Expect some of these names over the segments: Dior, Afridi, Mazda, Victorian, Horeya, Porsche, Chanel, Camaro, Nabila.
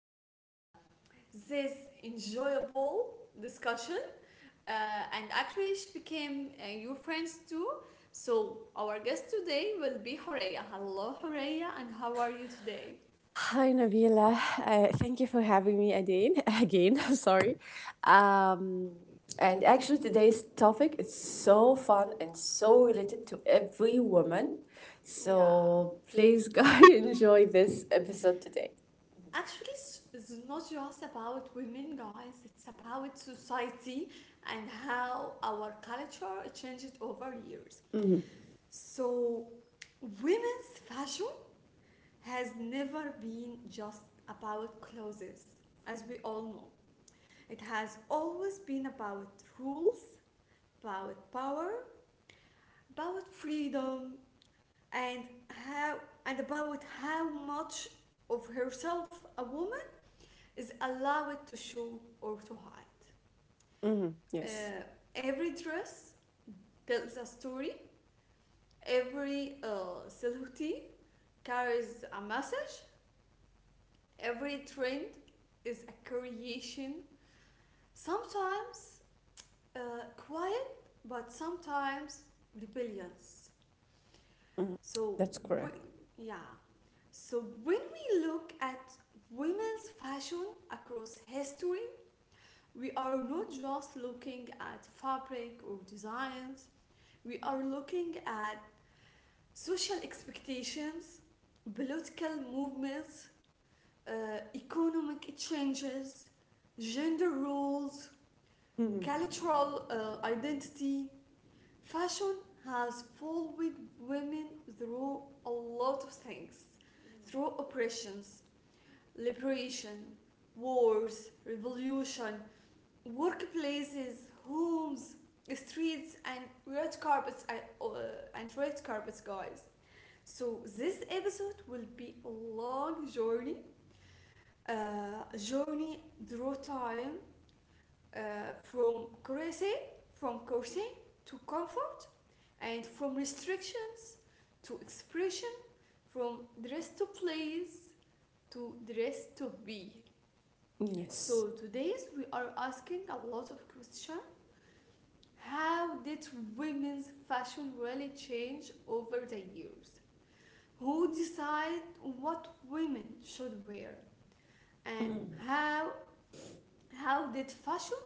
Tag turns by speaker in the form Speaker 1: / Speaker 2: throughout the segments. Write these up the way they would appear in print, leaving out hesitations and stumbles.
Speaker 1: have this enjoyable discussion. Uh, and actually, she became your friends too. So, our guest today will be Horeya. Hello, Horeya, and how are you today?
Speaker 2: Hi Nabila, thank you for having me again. Again, sorry. Um, and actually, today's topic is so fun and so related to every woman.
Speaker 1: Yeah.
Speaker 2: So please, guys, enjoy this episode today.
Speaker 1: Actually, it's not just about women, guys. It's about society and how our culture changed over years. So, women's fashion has never been just about clothes, as we all know. It has always been about rules, about power, about freedom, and how and about how much of herself a woman is allow it to show or to hide.
Speaker 2: Mm-hmm.
Speaker 1: Uh,
Speaker 2: Yes,
Speaker 1: every dress tells a story, every silhouette carries a message, every trend is a creation, sometimes uh, quiet, but sometimes rebellious. So,
Speaker 2: that's
Speaker 1: we,
Speaker 2: correct.
Speaker 1: yeah. So, when we look at women's fashion across history, we are not just looking at fabric or designs, we are looking at social expectations, political movements, economic changes, gender roles, cultural identity. Fashion has followed women through a lot of things, through oppressions, liberation, wars, revolution, workplaces, homes, streets, and red carpets, guys. So this episode will be a long journey, through time, from crazy, from courting to comfort, and from restrictions to expression, from dress to place to dress to be. So
Speaker 2: Yes.
Speaker 1: today's we are asking a lot of questions. How did women's fashion really change over the years? Who decide what women should wear? And how how did fashion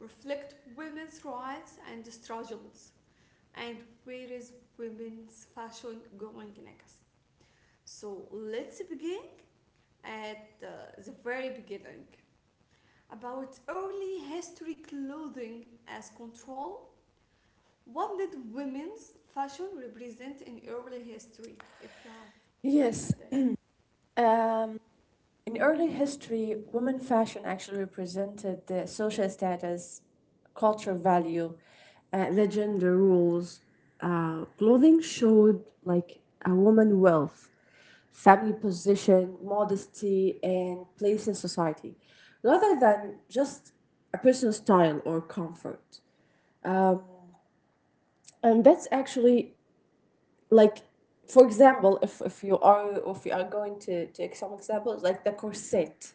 Speaker 1: reflect women's rights and struggles, and where is women's fashion going next? So let's begin at the very beginning, about early history, clothing as control. What did women's fashion represent in early history, if you have any
Speaker 2: Yes.
Speaker 1: idea?
Speaker 2: Um, In early history, women fashion actually represented the social status, cultural value, the gender rules. Clothing showed like a woman wealth, family position, modesty, and place in society, rather than just a personal style or comfort. And that's actually like, for example, if you are going to take some examples, like the corset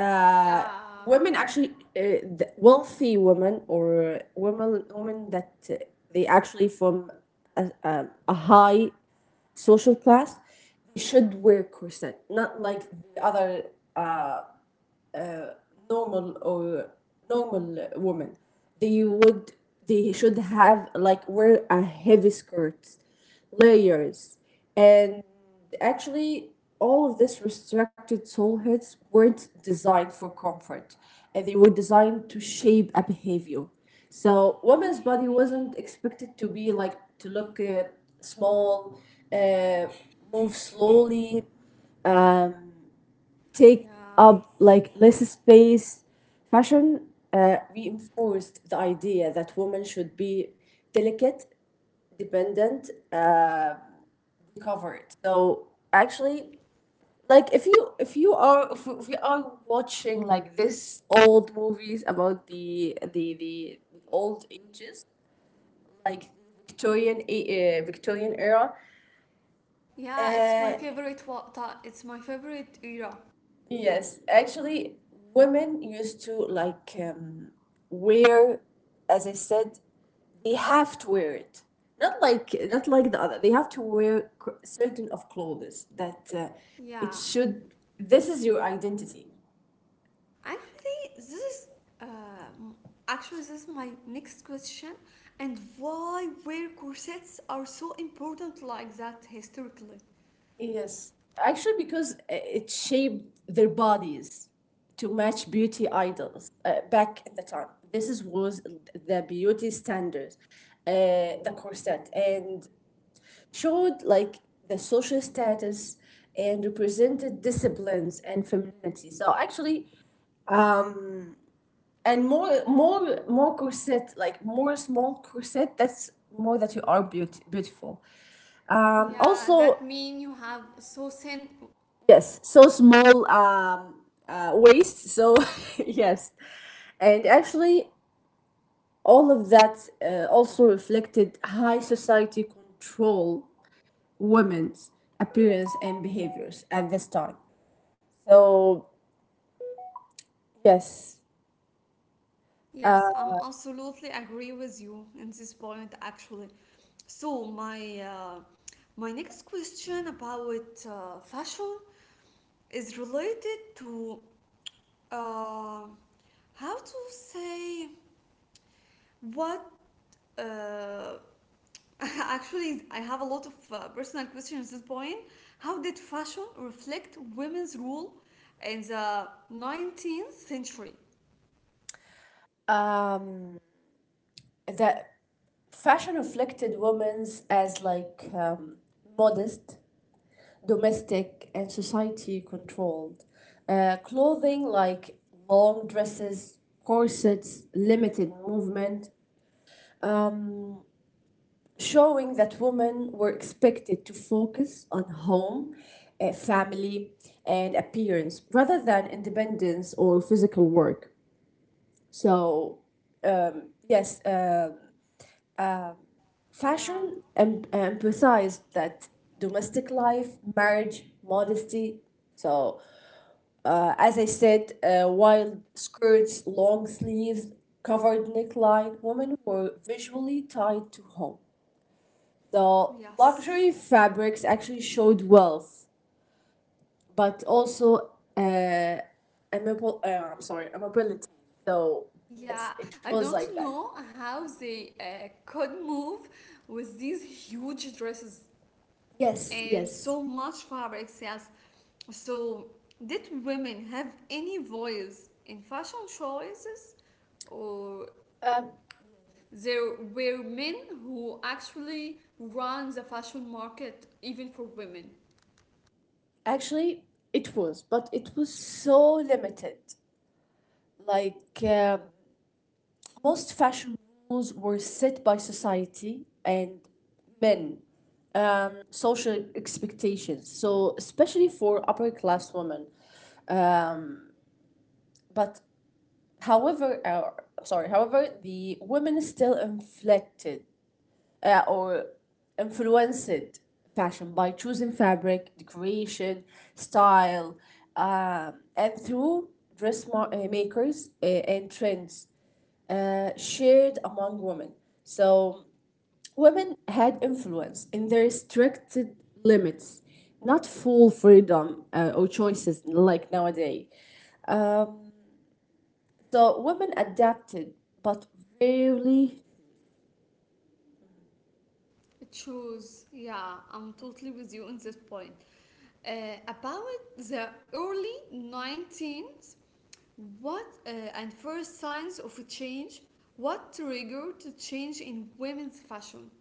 Speaker 2: uh,
Speaker 1: Yeah,
Speaker 2: women actually the wealthy women or women that they actually from a high social class they should wear corset not like the other normal or normal women they would they should have like wear a heavy skirts layers and actually all of this restricted soul hits weren't designed for comfort and they were designed to shape a behavior so women's body wasn't expected to be like to look small uh, move slowly take
Speaker 1: yeah,
Speaker 2: up like less space. Fashion reinforced the idea that women should be delicate, dependent, covered. So actually, like if you are if we are watching like this old movies about the old ages, like Victorian era.
Speaker 1: yeah. It's my
Speaker 2: Uh,
Speaker 1: favorite. What It's my favorite era.
Speaker 2: Yes, actually, women used to like wear, as I said, they have to wear it. Not like the other. They have to wear certain of clothes that it
Speaker 1: Yeah,
Speaker 2: should. This is your identity.
Speaker 1: actually, this is um, actually, this is my next question, and why wear corsets are so important like that historically?
Speaker 2: Yes, actually, because it shaped their bodies to match beauty idols back at the time. This is was the beauty standard, uh, the corset, and showed like the social status and represented disciplines and femininity. So actually, and more corset like more small corset. That's more that you are beautiful.
Speaker 1: Yeah,
Speaker 2: Also,
Speaker 1: that mean you have so thin.
Speaker 2: yes, so small waist. So yes, and actually, all of that also reflected high society control women's appearance and behaviors at this time. So yes.
Speaker 1: Yes, I'm absolutely agree with you in this point actually. So my next question about fashion is related to uh, how to say what uh, Actually, I have a lot of personal questions at this point. How did fashion reflect women's rule in the 19th century?
Speaker 2: Um, the fashion reflected women's as like modest, domestic, and society controlled. Clothing like long dresses, corsets, limited movement, showing that women were expected to focus on home, family, and appearance rather than independence or physical work. So, yes.
Speaker 1: Yeah,
Speaker 2: Fashion emphasized that domestic life, marriage, modesty. So, as I said, wild skirts, long sleeves, covered neckline, women were visually tied to home. The
Speaker 1: yes.
Speaker 2: luxury fabrics actually showed wealth, but also uh, amable, I'm sorry, amability. So, yes,
Speaker 1: Yeah,
Speaker 2: it
Speaker 1: I
Speaker 2: was
Speaker 1: don't
Speaker 2: like that.
Speaker 1: know how they could move with these huge dresses
Speaker 2: Yes,
Speaker 1: and
Speaker 2: yes.
Speaker 1: so much fabrics, yes. So, did women have any voice in fashion choices, or
Speaker 2: Um,
Speaker 1: there were men who actually ran the fashion market even for women?
Speaker 2: Actually, it was, but it was so limited. Like, most fashion rules were set by society and men, social expectations. So, especially for upper class women. But, however, sorry, however, the women still inflected or influenced fashion by choosing fabric, decoration, style, and through dressmakers and trends shared among women. So women had influence in their restricted limits, not full freedom or choices like nowadays. So women adapted, but rarely.
Speaker 1: Shoes, yeah, I'm totally with you on this point. About the early 19th, what and first signs of a change, what triggered to change in women's fashion?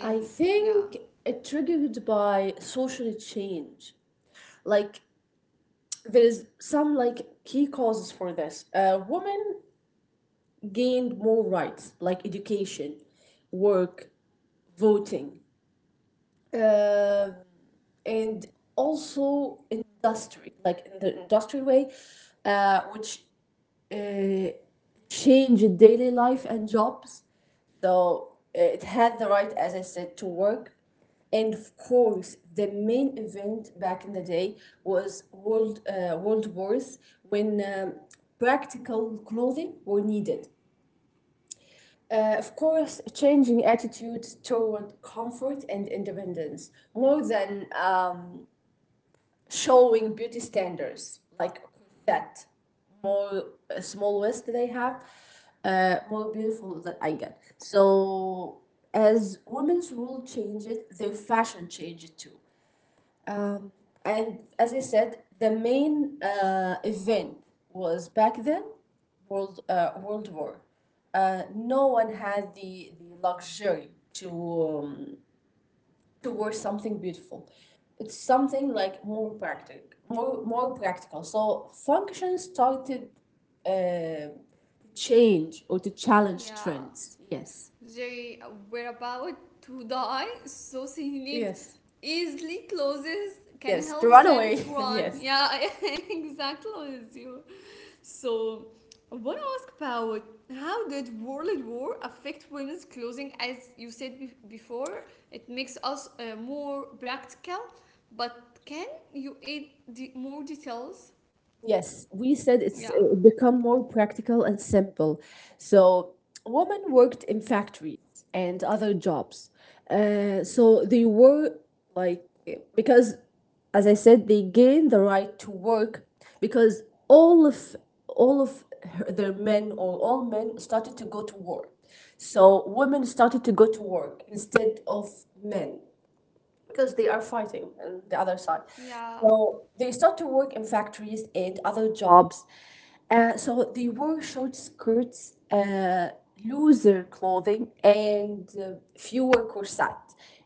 Speaker 2: I
Speaker 1: Yeah,
Speaker 2: think it triggered by social change. Like there is some like key causes for this. Women gained more rights like education, work, voting, uh, and also industry, like in the industry way, which uh, change daily life and jobs. So it had the right, as I said, to work. And of course, the main event back in the day was World Wars when practical clothing were needed. Of course, changing attitudes toward comfort and independence more than. Showing beauty standards like that more small waist that I have, more beautiful that I get. So as women's rule change it, their fashion change it too. And as I said, the main event was back then World War. No one had the luxury to towards something beautiful. It's something like more practical, more practical. So function started to change or to challenge
Speaker 1: yeah.
Speaker 2: trends. Yes.
Speaker 1: They were about to die, so they need
Speaker 2: Yes.
Speaker 1: easily clothes can
Speaker 2: Yes, to
Speaker 1: help
Speaker 2: run
Speaker 1: them
Speaker 2: away.
Speaker 1: to run.
Speaker 2: yes.
Speaker 1: Yeah, exactly as you. So I want to ask about how did World War affect women's clothing? As you said before, it makes us more practical. But can you add more details?
Speaker 2: Yes, we said it's
Speaker 1: Yeah.
Speaker 2: become more practical and simple. So, women worked in factories and other jobs. So they were like because, as I said, they gained the right to work because all of all of their men or all men started to go to work. So women started to go to work instead of men because they are fighting on the other side.
Speaker 1: Yeah.
Speaker 2: So they start to work in factories and other jobs. So they wore short skirts, looser clothing, and fewer corset.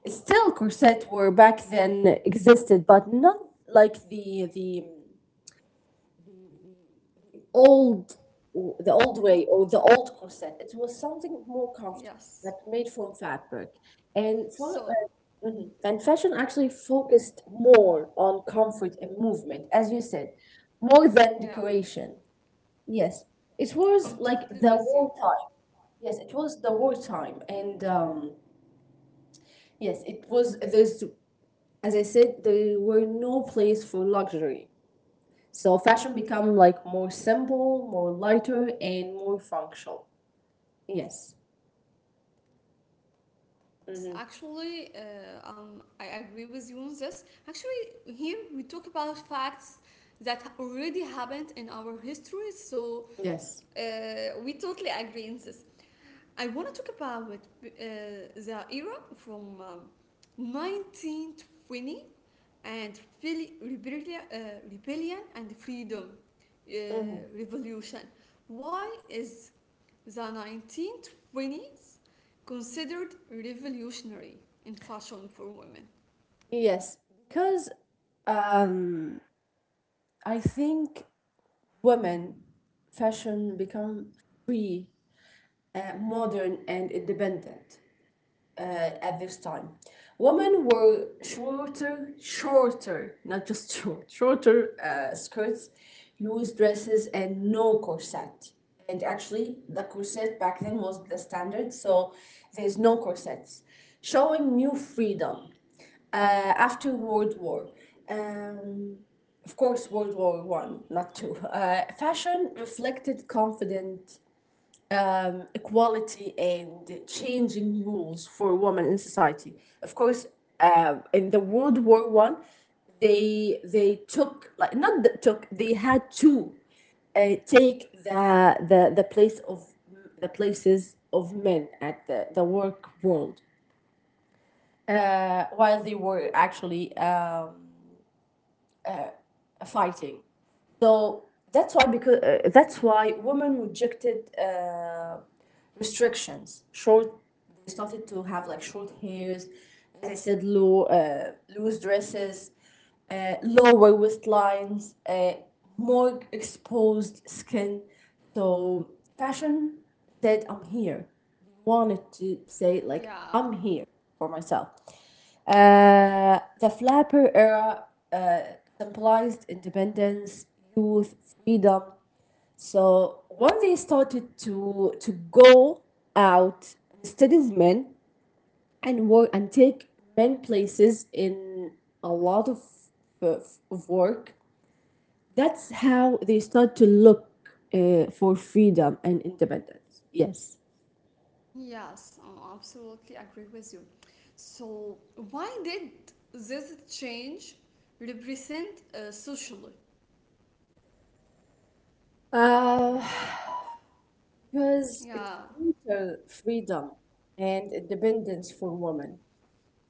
Speaker 2: Still, corset were back then existed, but not like old the old
Speaker 1: Yeah.
Speaker 2: way or the old corset. It was something more comfortable
Speaker 1: Yes.
Speaker 2: that made from fabric, and for
Speaker 1: So
Speaker 2: mhm. and fashion actually focused more on comfort and movement, as you said, more than
Speaker 1: yeah,
Speaker 2: decoration. Yes, it
Speaker 1: I'm
Speaker 2: was like
Speaker 1: totally
Speaker 2: the
Speaker 1: with you.
Speaker 2: war time. Yes, it was the wartime, and yes, it was. There's, as I said, there were no place for luxury. So fashion become like more simple, more lighter, and more functional. Yes.
Speaker 1: Yes, actually, I agree with you on this. Actually, here we talk about facts that already happened in our history, so
Speaker 2: Yes.
Speaker 1: we totally agree on this. I want to talk about the era from 1920, and really rebellion, and freedom, uh, revolution. Why is the 1920s considered revolutionary in fashion for women?
Speaker 2: Yes, because um, I think women fashion become free, modern, and independent. At this time. Women wore shorter, shorter, not just short, shorter skirts, loose dresses, and no corset. And actually, the corset back then was the standard, so there's no corsets, showing new freedom uh, after World War. Um, of course, World War I, not two. Fashion reflected confident equality and changing rules for women in society. Of course, in the World War I, they took like not that took they had to take the place of the places of men at the work world while they were actually fighting. So that's why because that's why women rejected restrictions. Short, they started to have like short hairs, as I said, low, loose dresses, lower waistlines, more exposed skin. So fashion said, "I'm here." Wanted to say like,
Speaker 1: Yeah,
Speaker 2: "I'm here for myself." The flapper era uh, symbolized independence, youth, freedom so once they started to go out, instead of men and work and take men places in a lot of work. That's how they start to look for freedom and independence. Yes,
Speaker 1: yes, I absolutely agree with you. So, why did this change represent socially?
Speaker 2: uh, because it's
Speaker 1: Yeah,
Speaker 2: greater freedom and independence for women.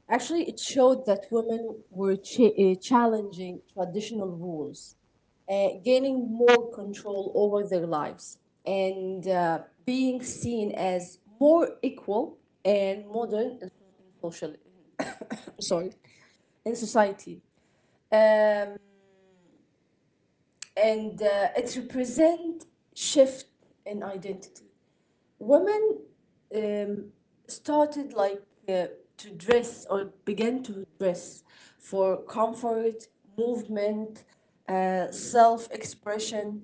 Speaker 2: Actually, it showed that women were challenging traditional rules, gaining more control over their lives, and being seen as more equal and modern in social. Sorry, in society, um, and it represent shift in identity women um, started like uh, to dress or began to dress for comfort, movement, self expression,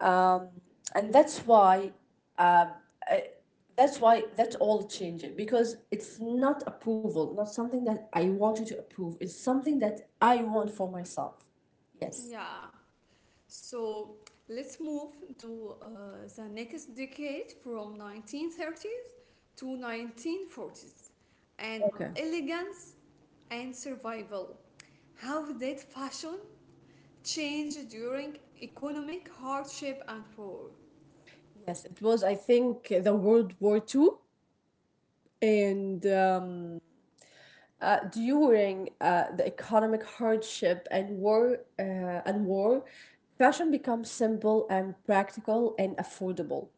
Speaker 2: um, and that's why uh, I- that's why that all changing because it's not approval, not something that I want you to approve. It's something that I want for myself. Yes.
Speaker 1: yeah. So let's move to the next decade, from 1930s to 1940s, and
Speaker 2: Okay.
Speaker 1: elegance and survival. How did fashion change during economic hardship and war?
Speaker 2: Yes, it was, I think, the World War II and during the economic hardship and war, fashion becomes simple and practical and affordable.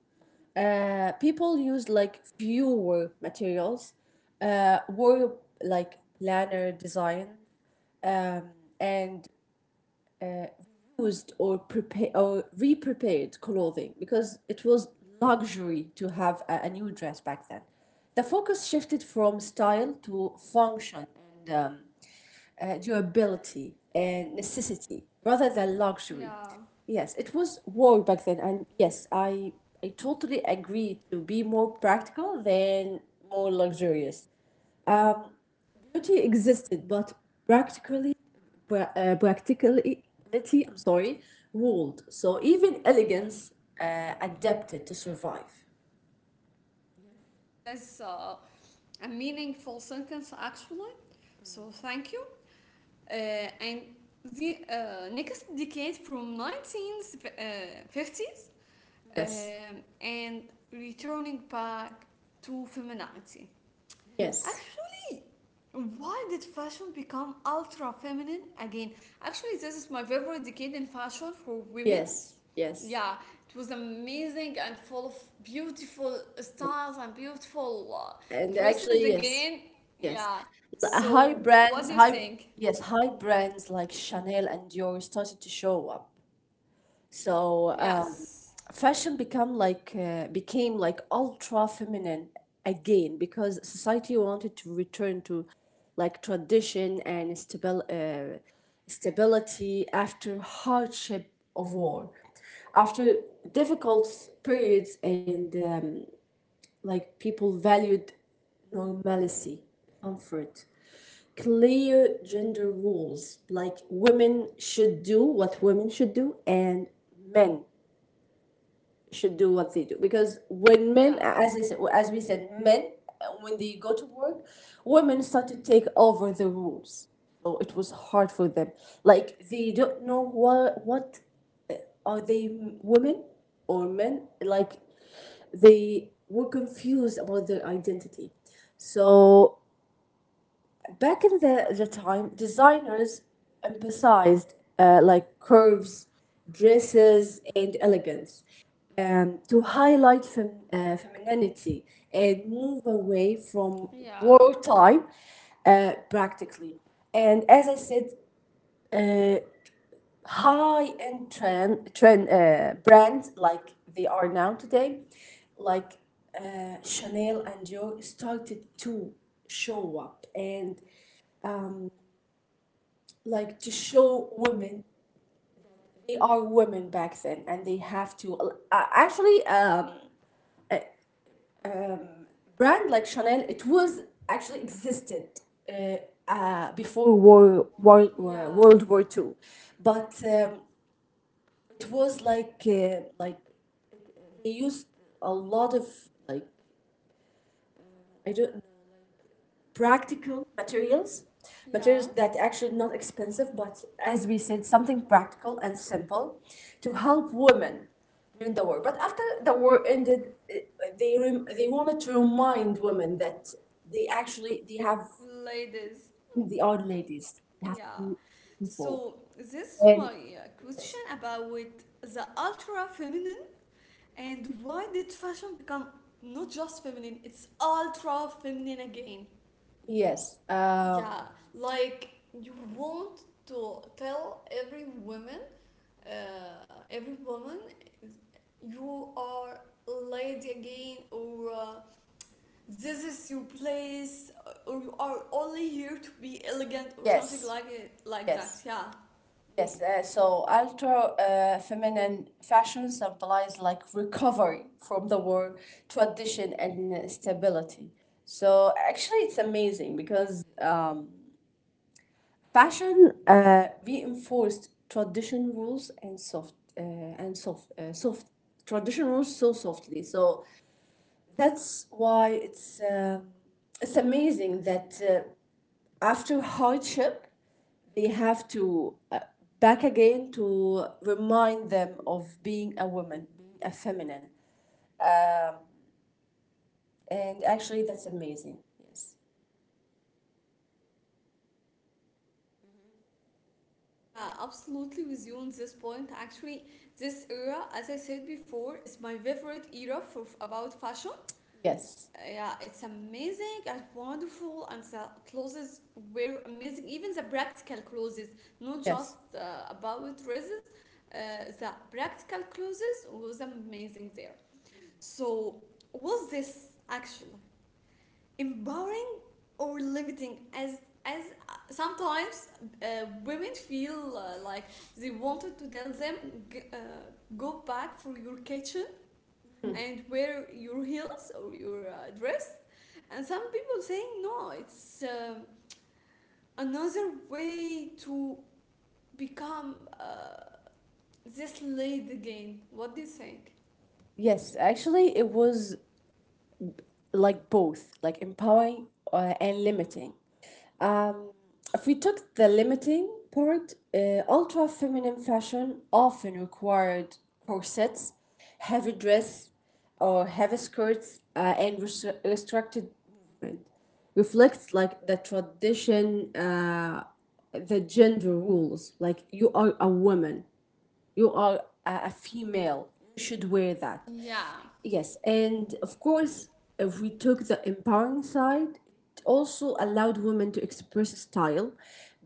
Speaker 2: People used like fewer materials, wore like planner design and used or prepared or re-prepared clothing because it was luxury to have a new dress back then. The focus shifted from style to function and durability and necessity rather than luxury.
Speaker 1: Yeah,
Speaker 2: Yes, it was war back then, and yes, I totally agree to be more practical than more luxurious. Beauty existed, but practically, practicality, I'm sorry, ruled. So even elegance adapted to survive.
Speaker 1: wow. That's a meaningful sentence actually. So thank you. Uh, and the next decade, from 1950s,
Speaker 2: Yes,
Speaker 1: and returning back to femininity.
Speaker 2: yes,
Speaker 1: Actually, why did fashion become ultra feminine again? Actually, this is my favorite decade in fashion for women.
Speaker 2: yes, yes,
Speaker 1: Yeah, it was amazing and full of beautiful styles
Speaker 2: yes.
Speaker 1: and beautiful
Speaker 2: And
Speaker 1: dresses
Speaker 2: actually, yes,
Speaker 1: again.
Speaker 2: yes.
Speaker 1: Yeah,
Speaker 2: L- High
Speaker 1: so what do
Speaker 2: brands,
Speaker 1: you
Speaker 2: high,
Speaker 1: think?
Speaker 2: yes, high brands like Chanel and Dior started to show up. So,
Speaker 1: Yes,
Speaker 2: fashion become like became like ultra feminine again because society wanted to return to like tradition and stability after hardship of war, after difficult periods and like people valued normalcy, comfort, clear gender rules. Like women should do what women should do, and men should do what they do. Because when
Speaker 1: yeah,
Speaker 2: men, as I said, as we said, men when they go to work, women start to take over the rules. So it was hard for them. Like they don't know what are they women or men? Like they were confused about their identity. So back in the time, designers emphasized like curves, dresses, and elegance to highlight femininity and move away from
Speaker 1: yeah,
Speaker 2: wartime practically. And as I said, uh, high-end trend, trend brands like they are now today, like Chanel and Dior started to show up and like to show women they are women back then and they have to actually brand like Chanel it was actually existed uh, before
Speaker 1: yeah,
Speaker 2: World War Two, but it was like they used a lot of like I don't practical materials, materials
Speaker 1: yeah.
Speaker 2: that actually not expensive, but as we said, something practical and simple to help women during the war. But after the war ended, they wanted to remind women that they actually they have
Speaker 1: Ladies.
Speaker 2: they are ladies. They have to
Speaker 1: Yeah.
Speaker 2: be beautiful.
Speaker 1: So this is
Speaker 2: And
Speaker 1: my question about the ultra feminine, and why did fashion become not just feminine, it's ultra feminine again.
Speaker 2: yes,
Speaker 1: Yeah, like you want to tell every woman, uh, every woman, you are a lady again, or this is your place, or you are only here to be elegant, or something
Speaker 2: yes,
Speaker 1: like it, like that.
Speaker 2: yes.
Speaker 1: Yeah.
Speaker 2: Yes, so ultra feminine fashion symbolize like recovery from the war, tradition, and stability. So actually, it's amazing because fashion reinforced tradition rules and soft tradition rules so softly. So that's why it's amazing that. After hardship, they have to back again to remind them of being a woman, being a feminine. And actually, that's amazing. Yes.
Speaker 1: Yeah, absolutely with you on this point. Actually, this era, as I said before, is my favorite era for about fashion.
Speaker 2: Yes,
Speaker 1: Yeah, it's amazing and wonderful, and the clothes were amazing. Even the practical clothes, not
Speaker 2: yes,
Speaker 1: just about dresses. The practical clothes was amazing there. So, was this actually empowering or limiting? As as sometimes women feel like they wanted to tell them, g- uh, go back for your kitchen and wear your heels or your dress, and some people saying no, it's another way to become uh, this lady again. What do you think?
Speaker 2: yes. Actually, it was like both, like empowering and limiting. Um, if we took the limiting part, ultra feminine fashion often required corsets, heavy dress, or heavy skirts, and restricted movement. Reflects like the tradition, the gender rules. Like you are a woman, you are a female you should wear that
Speaker 1: Yeah.
Speaker 2: yes, and of course if we took the empowering side, it also allowed women to express style,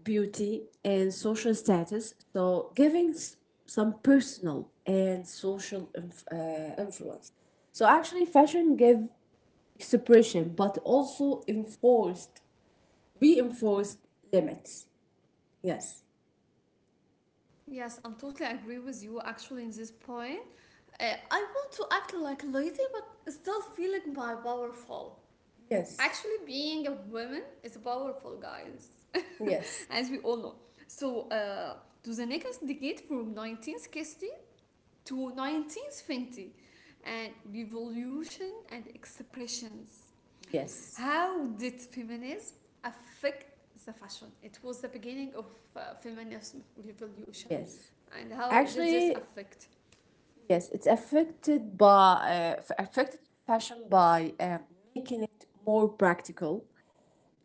Speaker 2: beauty, and social status, so giving some personal and social influence. So actually fashion gave expression but also enforced reinforced limits. Yes.
Speaker 1: Yes, I'm totally agree with you actually in this point. Uh, I want to act like lazy but still feeling my powerful.
Speaker 2: yes
Speaker 1: Actually, being a woman is powerful, guys,
Speaker 2: yes
Speaker 1: as we all know. So, to the next decade, from 1960 to 1920, and revolution and expressions.
Speaker 2: yes
Speaker 1: How did feminism affect the fashion? It was the beginning of feminism revolution,
Speaker 2: Yes.
Speaker 1: and how did this
Speaker 2: Actually,
Speaker 1: affect?
Speaker 2: yes, it's affected by affected fashion by making it more practical,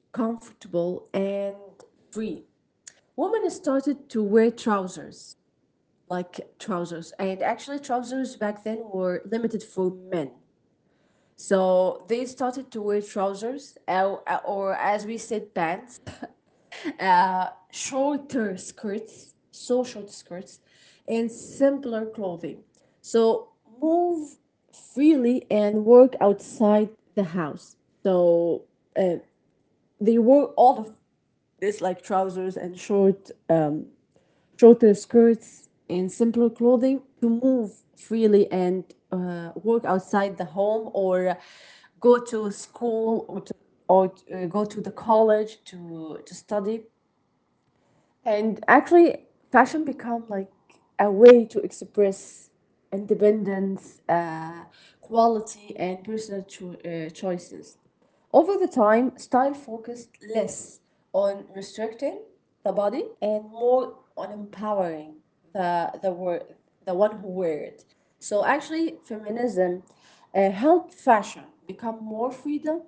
Speaker 2: comfortable, and free. Women started to wear trousers, like trousers, and actually trousers back then were limited for men. So they started to wear trousers, or as we said, pants, shorter skirts, so short skirts, and simpler clothing. So move freely and work outside the house. So uh, they wore all of this, like trousers and shorter skirts, and simpler clothing to move freely and work outside the home or go to school or, to, or go to the college to study. And actually, fashion become like a way to express independence, quality, and choices. Over the time, style focused less on restricting the body and more on empowering the the word the one who wear it. So actually, feminism helped fashion become more freedom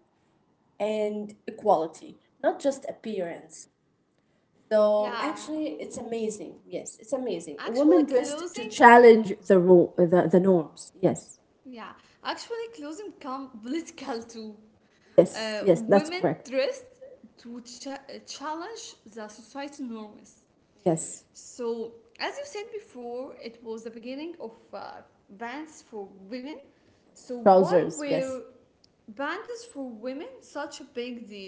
Speaker 2: and equality, not just appearance. So
Speaker 1: Yeah,
Speaker 2: actually, it's amazing. Yes, it's amazing. A
Speaker 1: actually
Speaker 2: woman dressed to
Speaker 1: clothing.
Speaker 2: challenge the norms. Yes,
Speaker 1: Yeah, actually clothing come political too.
Speaker 2: yes, yes. That's
Speaker 1: Women
Speaker 2: correct.
Speaker 1: dressed to challenge the society norms.
Speaker 2: Yes,
Speaker 1: So, as you said before, it was the beginning of bands for women. So, why
Speaker 2: trousers.
Speaker 1: were
Speaker 2: Yes,
Speaker 1: bands for women such a big deal?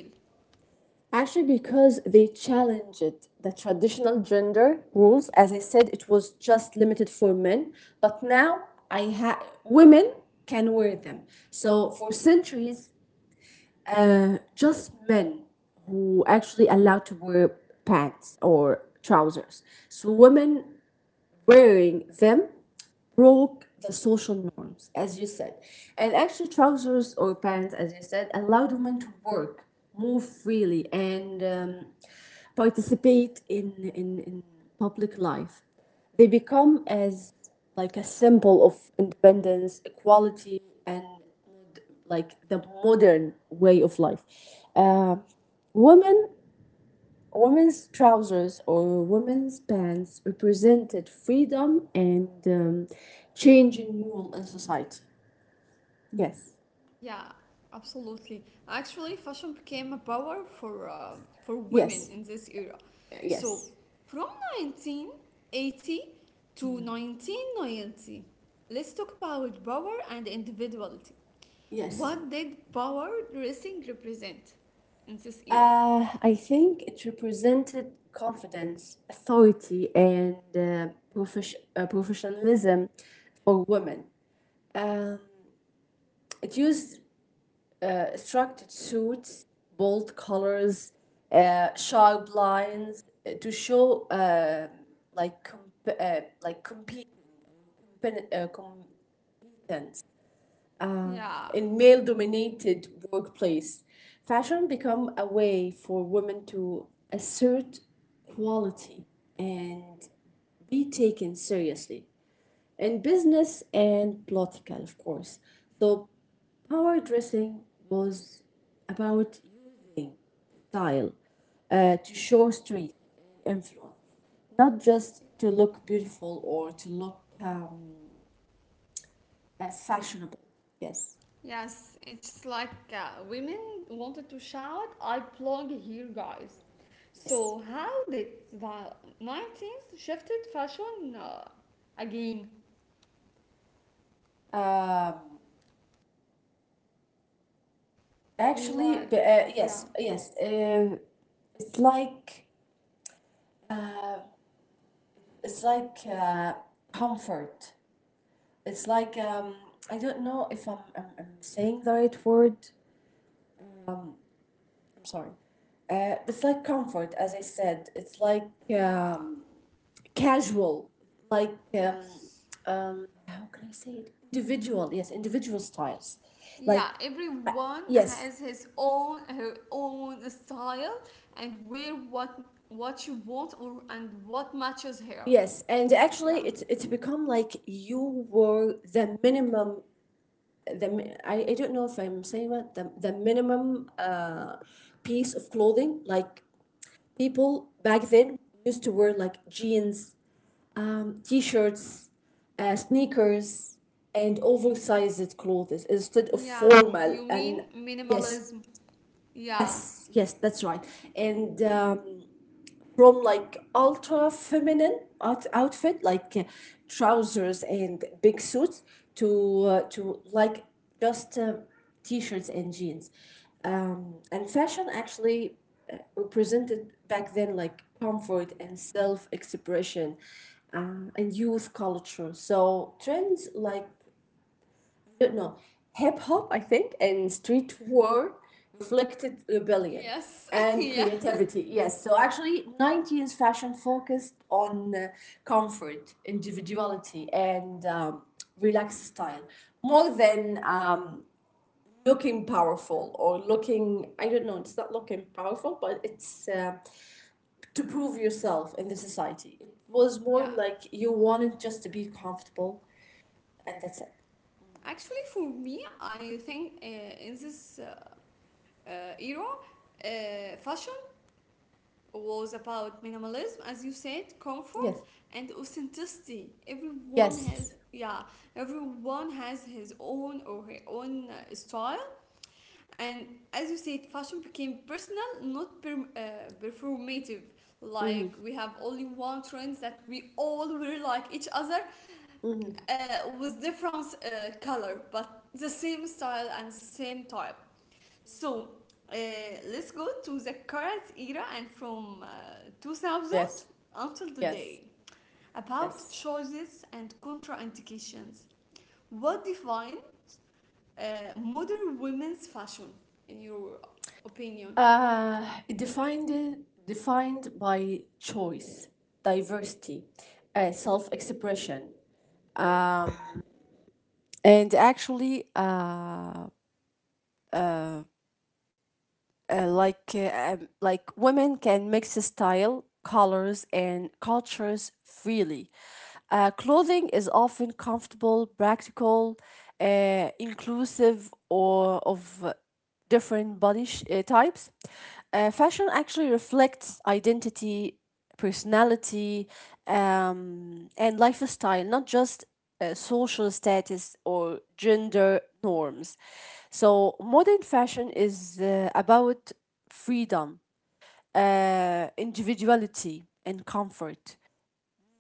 Speaker 2: actually, because they challenged the traditional gender rules. As I said, it was just limited for men, but now I have women can wear them. So for centuries, just men who actually allowed to wear pants or trousers. So women wearing them broke the social norms, as you said. And actually, trousers or pants, as you said, allowed women to work, move freely, and participate in public life. They become as like a symbol of independence, equality, and like the modern way of life. Uh, women Women's trousers or women's pants represented freedom and change in rule in society. Yes.
Speaker 1: Yeah, absolutely. Actually, fashion became a power for women
Speaker 2: Yes,
Speaker 1: in this era. So,
Speaker 2: yes,
Speaker 1: from 1980 to 1990, let's talk about power and individuality.
Speaker 2: yes.
Speaker 1: What did power dressing represent in this era?
Speaker 2: I think it represented confidence, authority, and professionalism for women. Uh, it used structured suits, bold colors, sharp lines to show like comp- uh, like compete, compen- uh, competence um,
Speaker 1: Yeah.
Speaker 2: in male-dominated workplace. Fashion become a way for women to assert quality and be taken seriously in business and political, of course. So, power dressing was about using style to show street influence, not just to look beautiful or to look fashionable. Yes,
Speaker 1: Yes, it's like women wanted to shout, "I belong here, guys."
Speaker 2: yes.
Speaker 1: So, how did the 90s shifted fashion again?
Speaker 2: Um,
Speaker 1: Like,
Speaker 2: actually, b- uh,
Speaker 1: yeah,
Speaker 2: yes, yes. Uh, it's like uh, it's like uh, comfort. It's like I don't know if I'm saying the right word. I'm sorry. It's like comfort, as I said. It's like
Speaker 1: yeah,
Speaker 2: um, casual, like
Speaker 1: yes.
Speaker 2: how can I say it? Individual, yes, individual styles. Like
Speaker 1: Yeah,
Speaker 2: uh,
Speaker 1: everyone
Speaker 2: yes,
Speaker 1: has his own, her own style, and wear what you want, or and what matches her.
Speaker 2: yes, and actually,
Speaker 1: Yeah.
Speaker 2: it's become like you were the minimum. I don't know if I'm saying that the minimum piece of clothing. Like people back then used to wear like jeans, t-shirts, sneakers, and oversized clothes instead of
Speaker 1: Yeah,
Speaker 2: formal.
Speaker 1: you
Speaker 2: And
Speaker 1: mean
Speaker 2: yes,
Speaker 1: minimalism. Yeah,
Speaker 2: yes, yes, that's right. And from like ultra feminine outfit like trousers and big suits to like just t-shirts and jeans, and fashion actually represented back then like comfort and self-expression and youth culture. So trends like no, no. hip hop, I think, and street war reflected rebellion
Speaker 1: yes,
Speaker 2: and
Speaker 1: yeah,
Speaker 2: creativity. Yes, so actually, 90s fashion focused on comfort, individuality, and relaxed style more than looking powerful or looking, I don't know, it's not looking powerful, but it's to prove yourself in the society. It was more
Speaker 1: yeah.
Speaker 2: like you wanted just to be comfortable, and that's it.
Speaker 1: Actually, for me, I think in this era, fashion was about minimalism, as you said, comfort
Speaker 2: Yes.
Speaker 1: and authenticity. Everyone
Speaker 2: Yes.
Speaker 1: has, yeah, everyone has his own or her own style, and as you said, fashion became personal, not performative. Like we have only one trend that we all will like each other, with different color but the same style and the same type. So uh, let's go to the current era, and from 2000
Speaker 2: Yes.
Speaker 1: until
Speaker 2: Yes,
Speaker 1: today, about
Speaker 2: yes.
Speaker 1: choices and contraindications. What defines uh, modern women's fashion in your opinion?
Speaker 2: Uh, Defined by choice, diversity, self expression, and actually like women can mix style, colors, and cultures freely. Clothing is often comfortable, practical, inclusive, or of different types. Fashion actually reflects identity, personality, and lifestyle, not just social status or gender norms. So, modern fashion is about freedom, individuality, and comfort.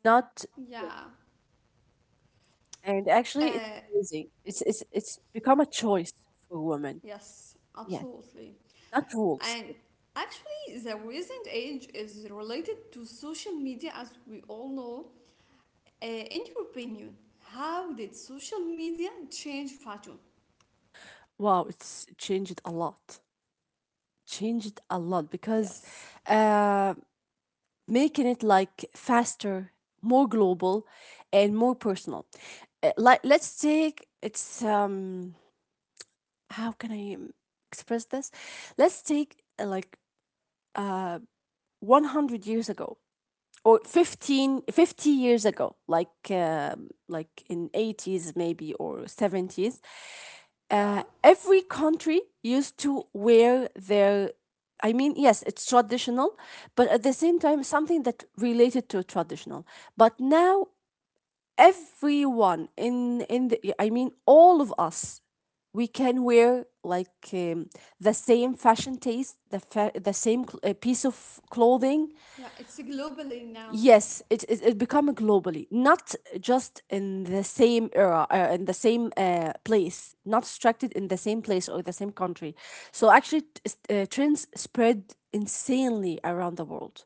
Speaker 2: Not yeah.
Speaker 1: Yeah.
Speaker 2: And actually, it's
Speaker 1: uh,
Speaker 2: amazing. It's become a choice for women.
Speaker 1: yes,
Speaker 2: Yes,
Speaker 1: absolutely.
Speaker 2: not rules.
Speaker 1: And actually, the recent age is related to social media, as we all know. In your opinion, how did social media change fashion?
Speaker 2: Wow, it's changed a lot. Changed a lot because,
Speaker 1: Yes.
Speaker 2: uh, making it like faster, more global, and more personal. Like let's take it's how can I express this? Let's take like 100 years ago or 15, 50 years ago, like in 80s maybe or 70s.
Speaker 1: Yeah.
Speaker 2: Every country used to wear their, I mean, yes, it's traditional, but at the same time, something that related to traditional. But now everyone in the I mean all of us we can wear like the same fashion taste, the fa- the same cl- piece of clothing.
Speaker 1: Yeah, it's globally now.
Speaker 2: Yes, it become globally, not just in the same era in the same place, not restricted in the same place or the same country. So actually trends spread insanely around the world.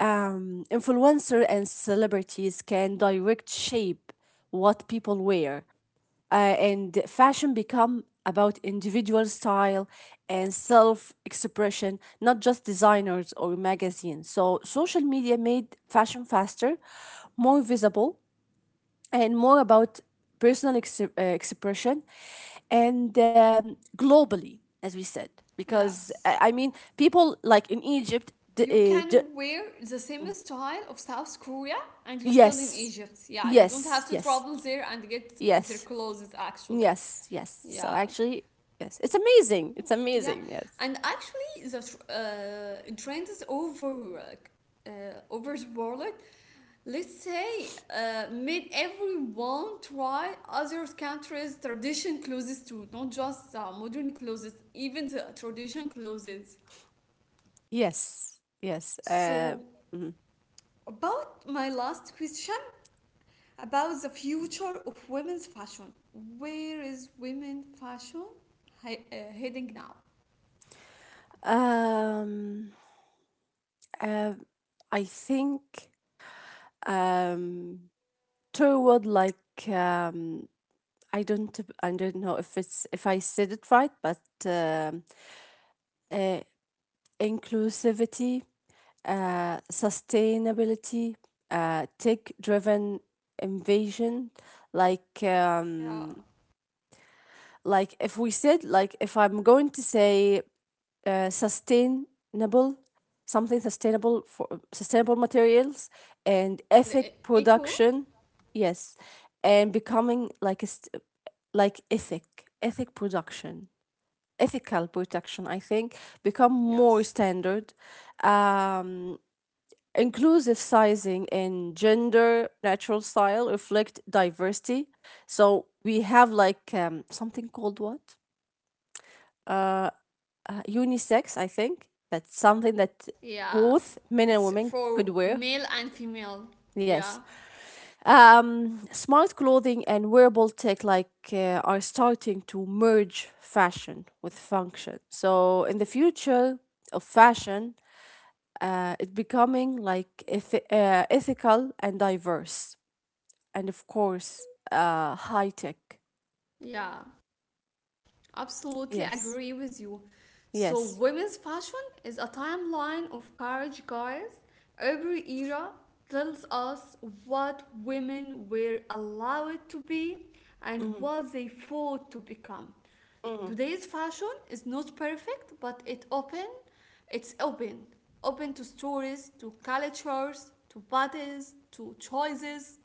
Speaker 2: Influencer and celebrities can direct shape what people wear, and fashion become about individual style and self-expression, not just designers or magazines. So social media made fashion faster, more visible, and more about personal expression, and globally, as we said, because
Speaker 1: Yes.
Speaker 2: I mean people like in Egypt d-
Speaker 1: You
Speaker 2: uh, d-
Speaker 1: can wear the same style of South Korea and you're still in
Speaker 2: Yes.
Speaker 1: Egypt. Yeah, you don't have
Speaker 2: Yes,
Speaker 1: to
Speaker 2: yes,
Speaker 1: travel there and get their
Speaker 2: yes,
Speaker 1: clothes actually.
Speaker 2: yes. So
Speaker 1: Yeah.
Speaker 2: actually, yes, it's amazing. It's
Speaker 1: Yeah,
Speaker 2: amazing. Yes,
Speaker 1: and actually, the trend is over the world. Let's say made everyone try other countries' tradition clothes too, not just modern clothes, even the tradition clothes.
Speaker 2: yes, yes. Uh,
Speaker 1: So,
Speaker 2: mhm.
Speaker 1: about my last question about the future of women's fashion, where is women fashion heading now?
Speaker 2: um, uh, I think um, toward like I don't know if it's if I said it right, but uh, inclusivity, sustainability, tech-driven invasion. Like,
Speaker 1: Yeah,
Speaker 2: um, like if we said, like if I'm going to say uh, sustainable, something sustainable for sustainable materials and
Speaker 1: and
Speaker 2: ethic
Speaker 1: equal,
Speaker 2: production, yes, and becoming like like ethic, ethic production, ethical production. I think become more
Speaker 1: yes.
Speaker 2: standard, um, inclusive sizing and gender natural style reflect diversity. So we have like something called what? Unisex, I think. That's something that
Speaker 1: Yeah.
Speaker 2: both men and
Speaker 1: It's
Speaker 2: women
Speaker 1: for
Speaker 2: could wear.
Speaker 1: male and female.
Speaker 2: Yes.
Speaker 1: Yeah.
Speaker 2: Smart clothing and wearable tech are starting to merge fashion with function. So in the future of fashion, it's becoming like ethical and diverse. And of course, high tech.
Speaker 1: Yeah. Absolutely
Speaker 2: Yes,
Speaker 1: agree with you. So,
Speaker 2: yes,
Speaker 1: women's fashion is a timeline of courage, guys. Every era tells us what women were allowed to be and
Speaker 2: mm-hmm.
Speaker 1: what they fought to become.
Speaker 2: Mm-hmm.
Speaker 1: Today's fashion is not perfect, but it's open to stories, to cultures, to bodies, to choices,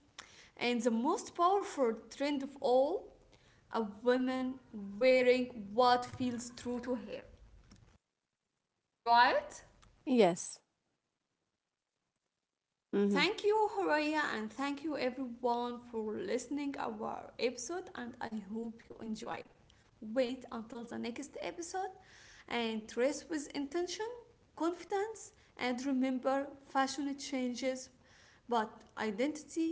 Speaker 1: and the most powerful trend of all, a woman wearing what feels true to her, right?
Speaker 2: Yes,
Speaker 1: So,
Speaker 2: mm-hmm.
Speaker 1: thank you, Horaya, and thank you everyone for listening our episode, and I hope you enjoyed. Wait until the next episode, and dress with intention, confidence, and remember, fashion changes, but identity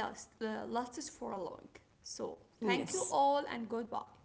Speaker 1: lasts for a long. So, thank you
Speaker 2: Yes.
Speaker 1: all, and goodbye.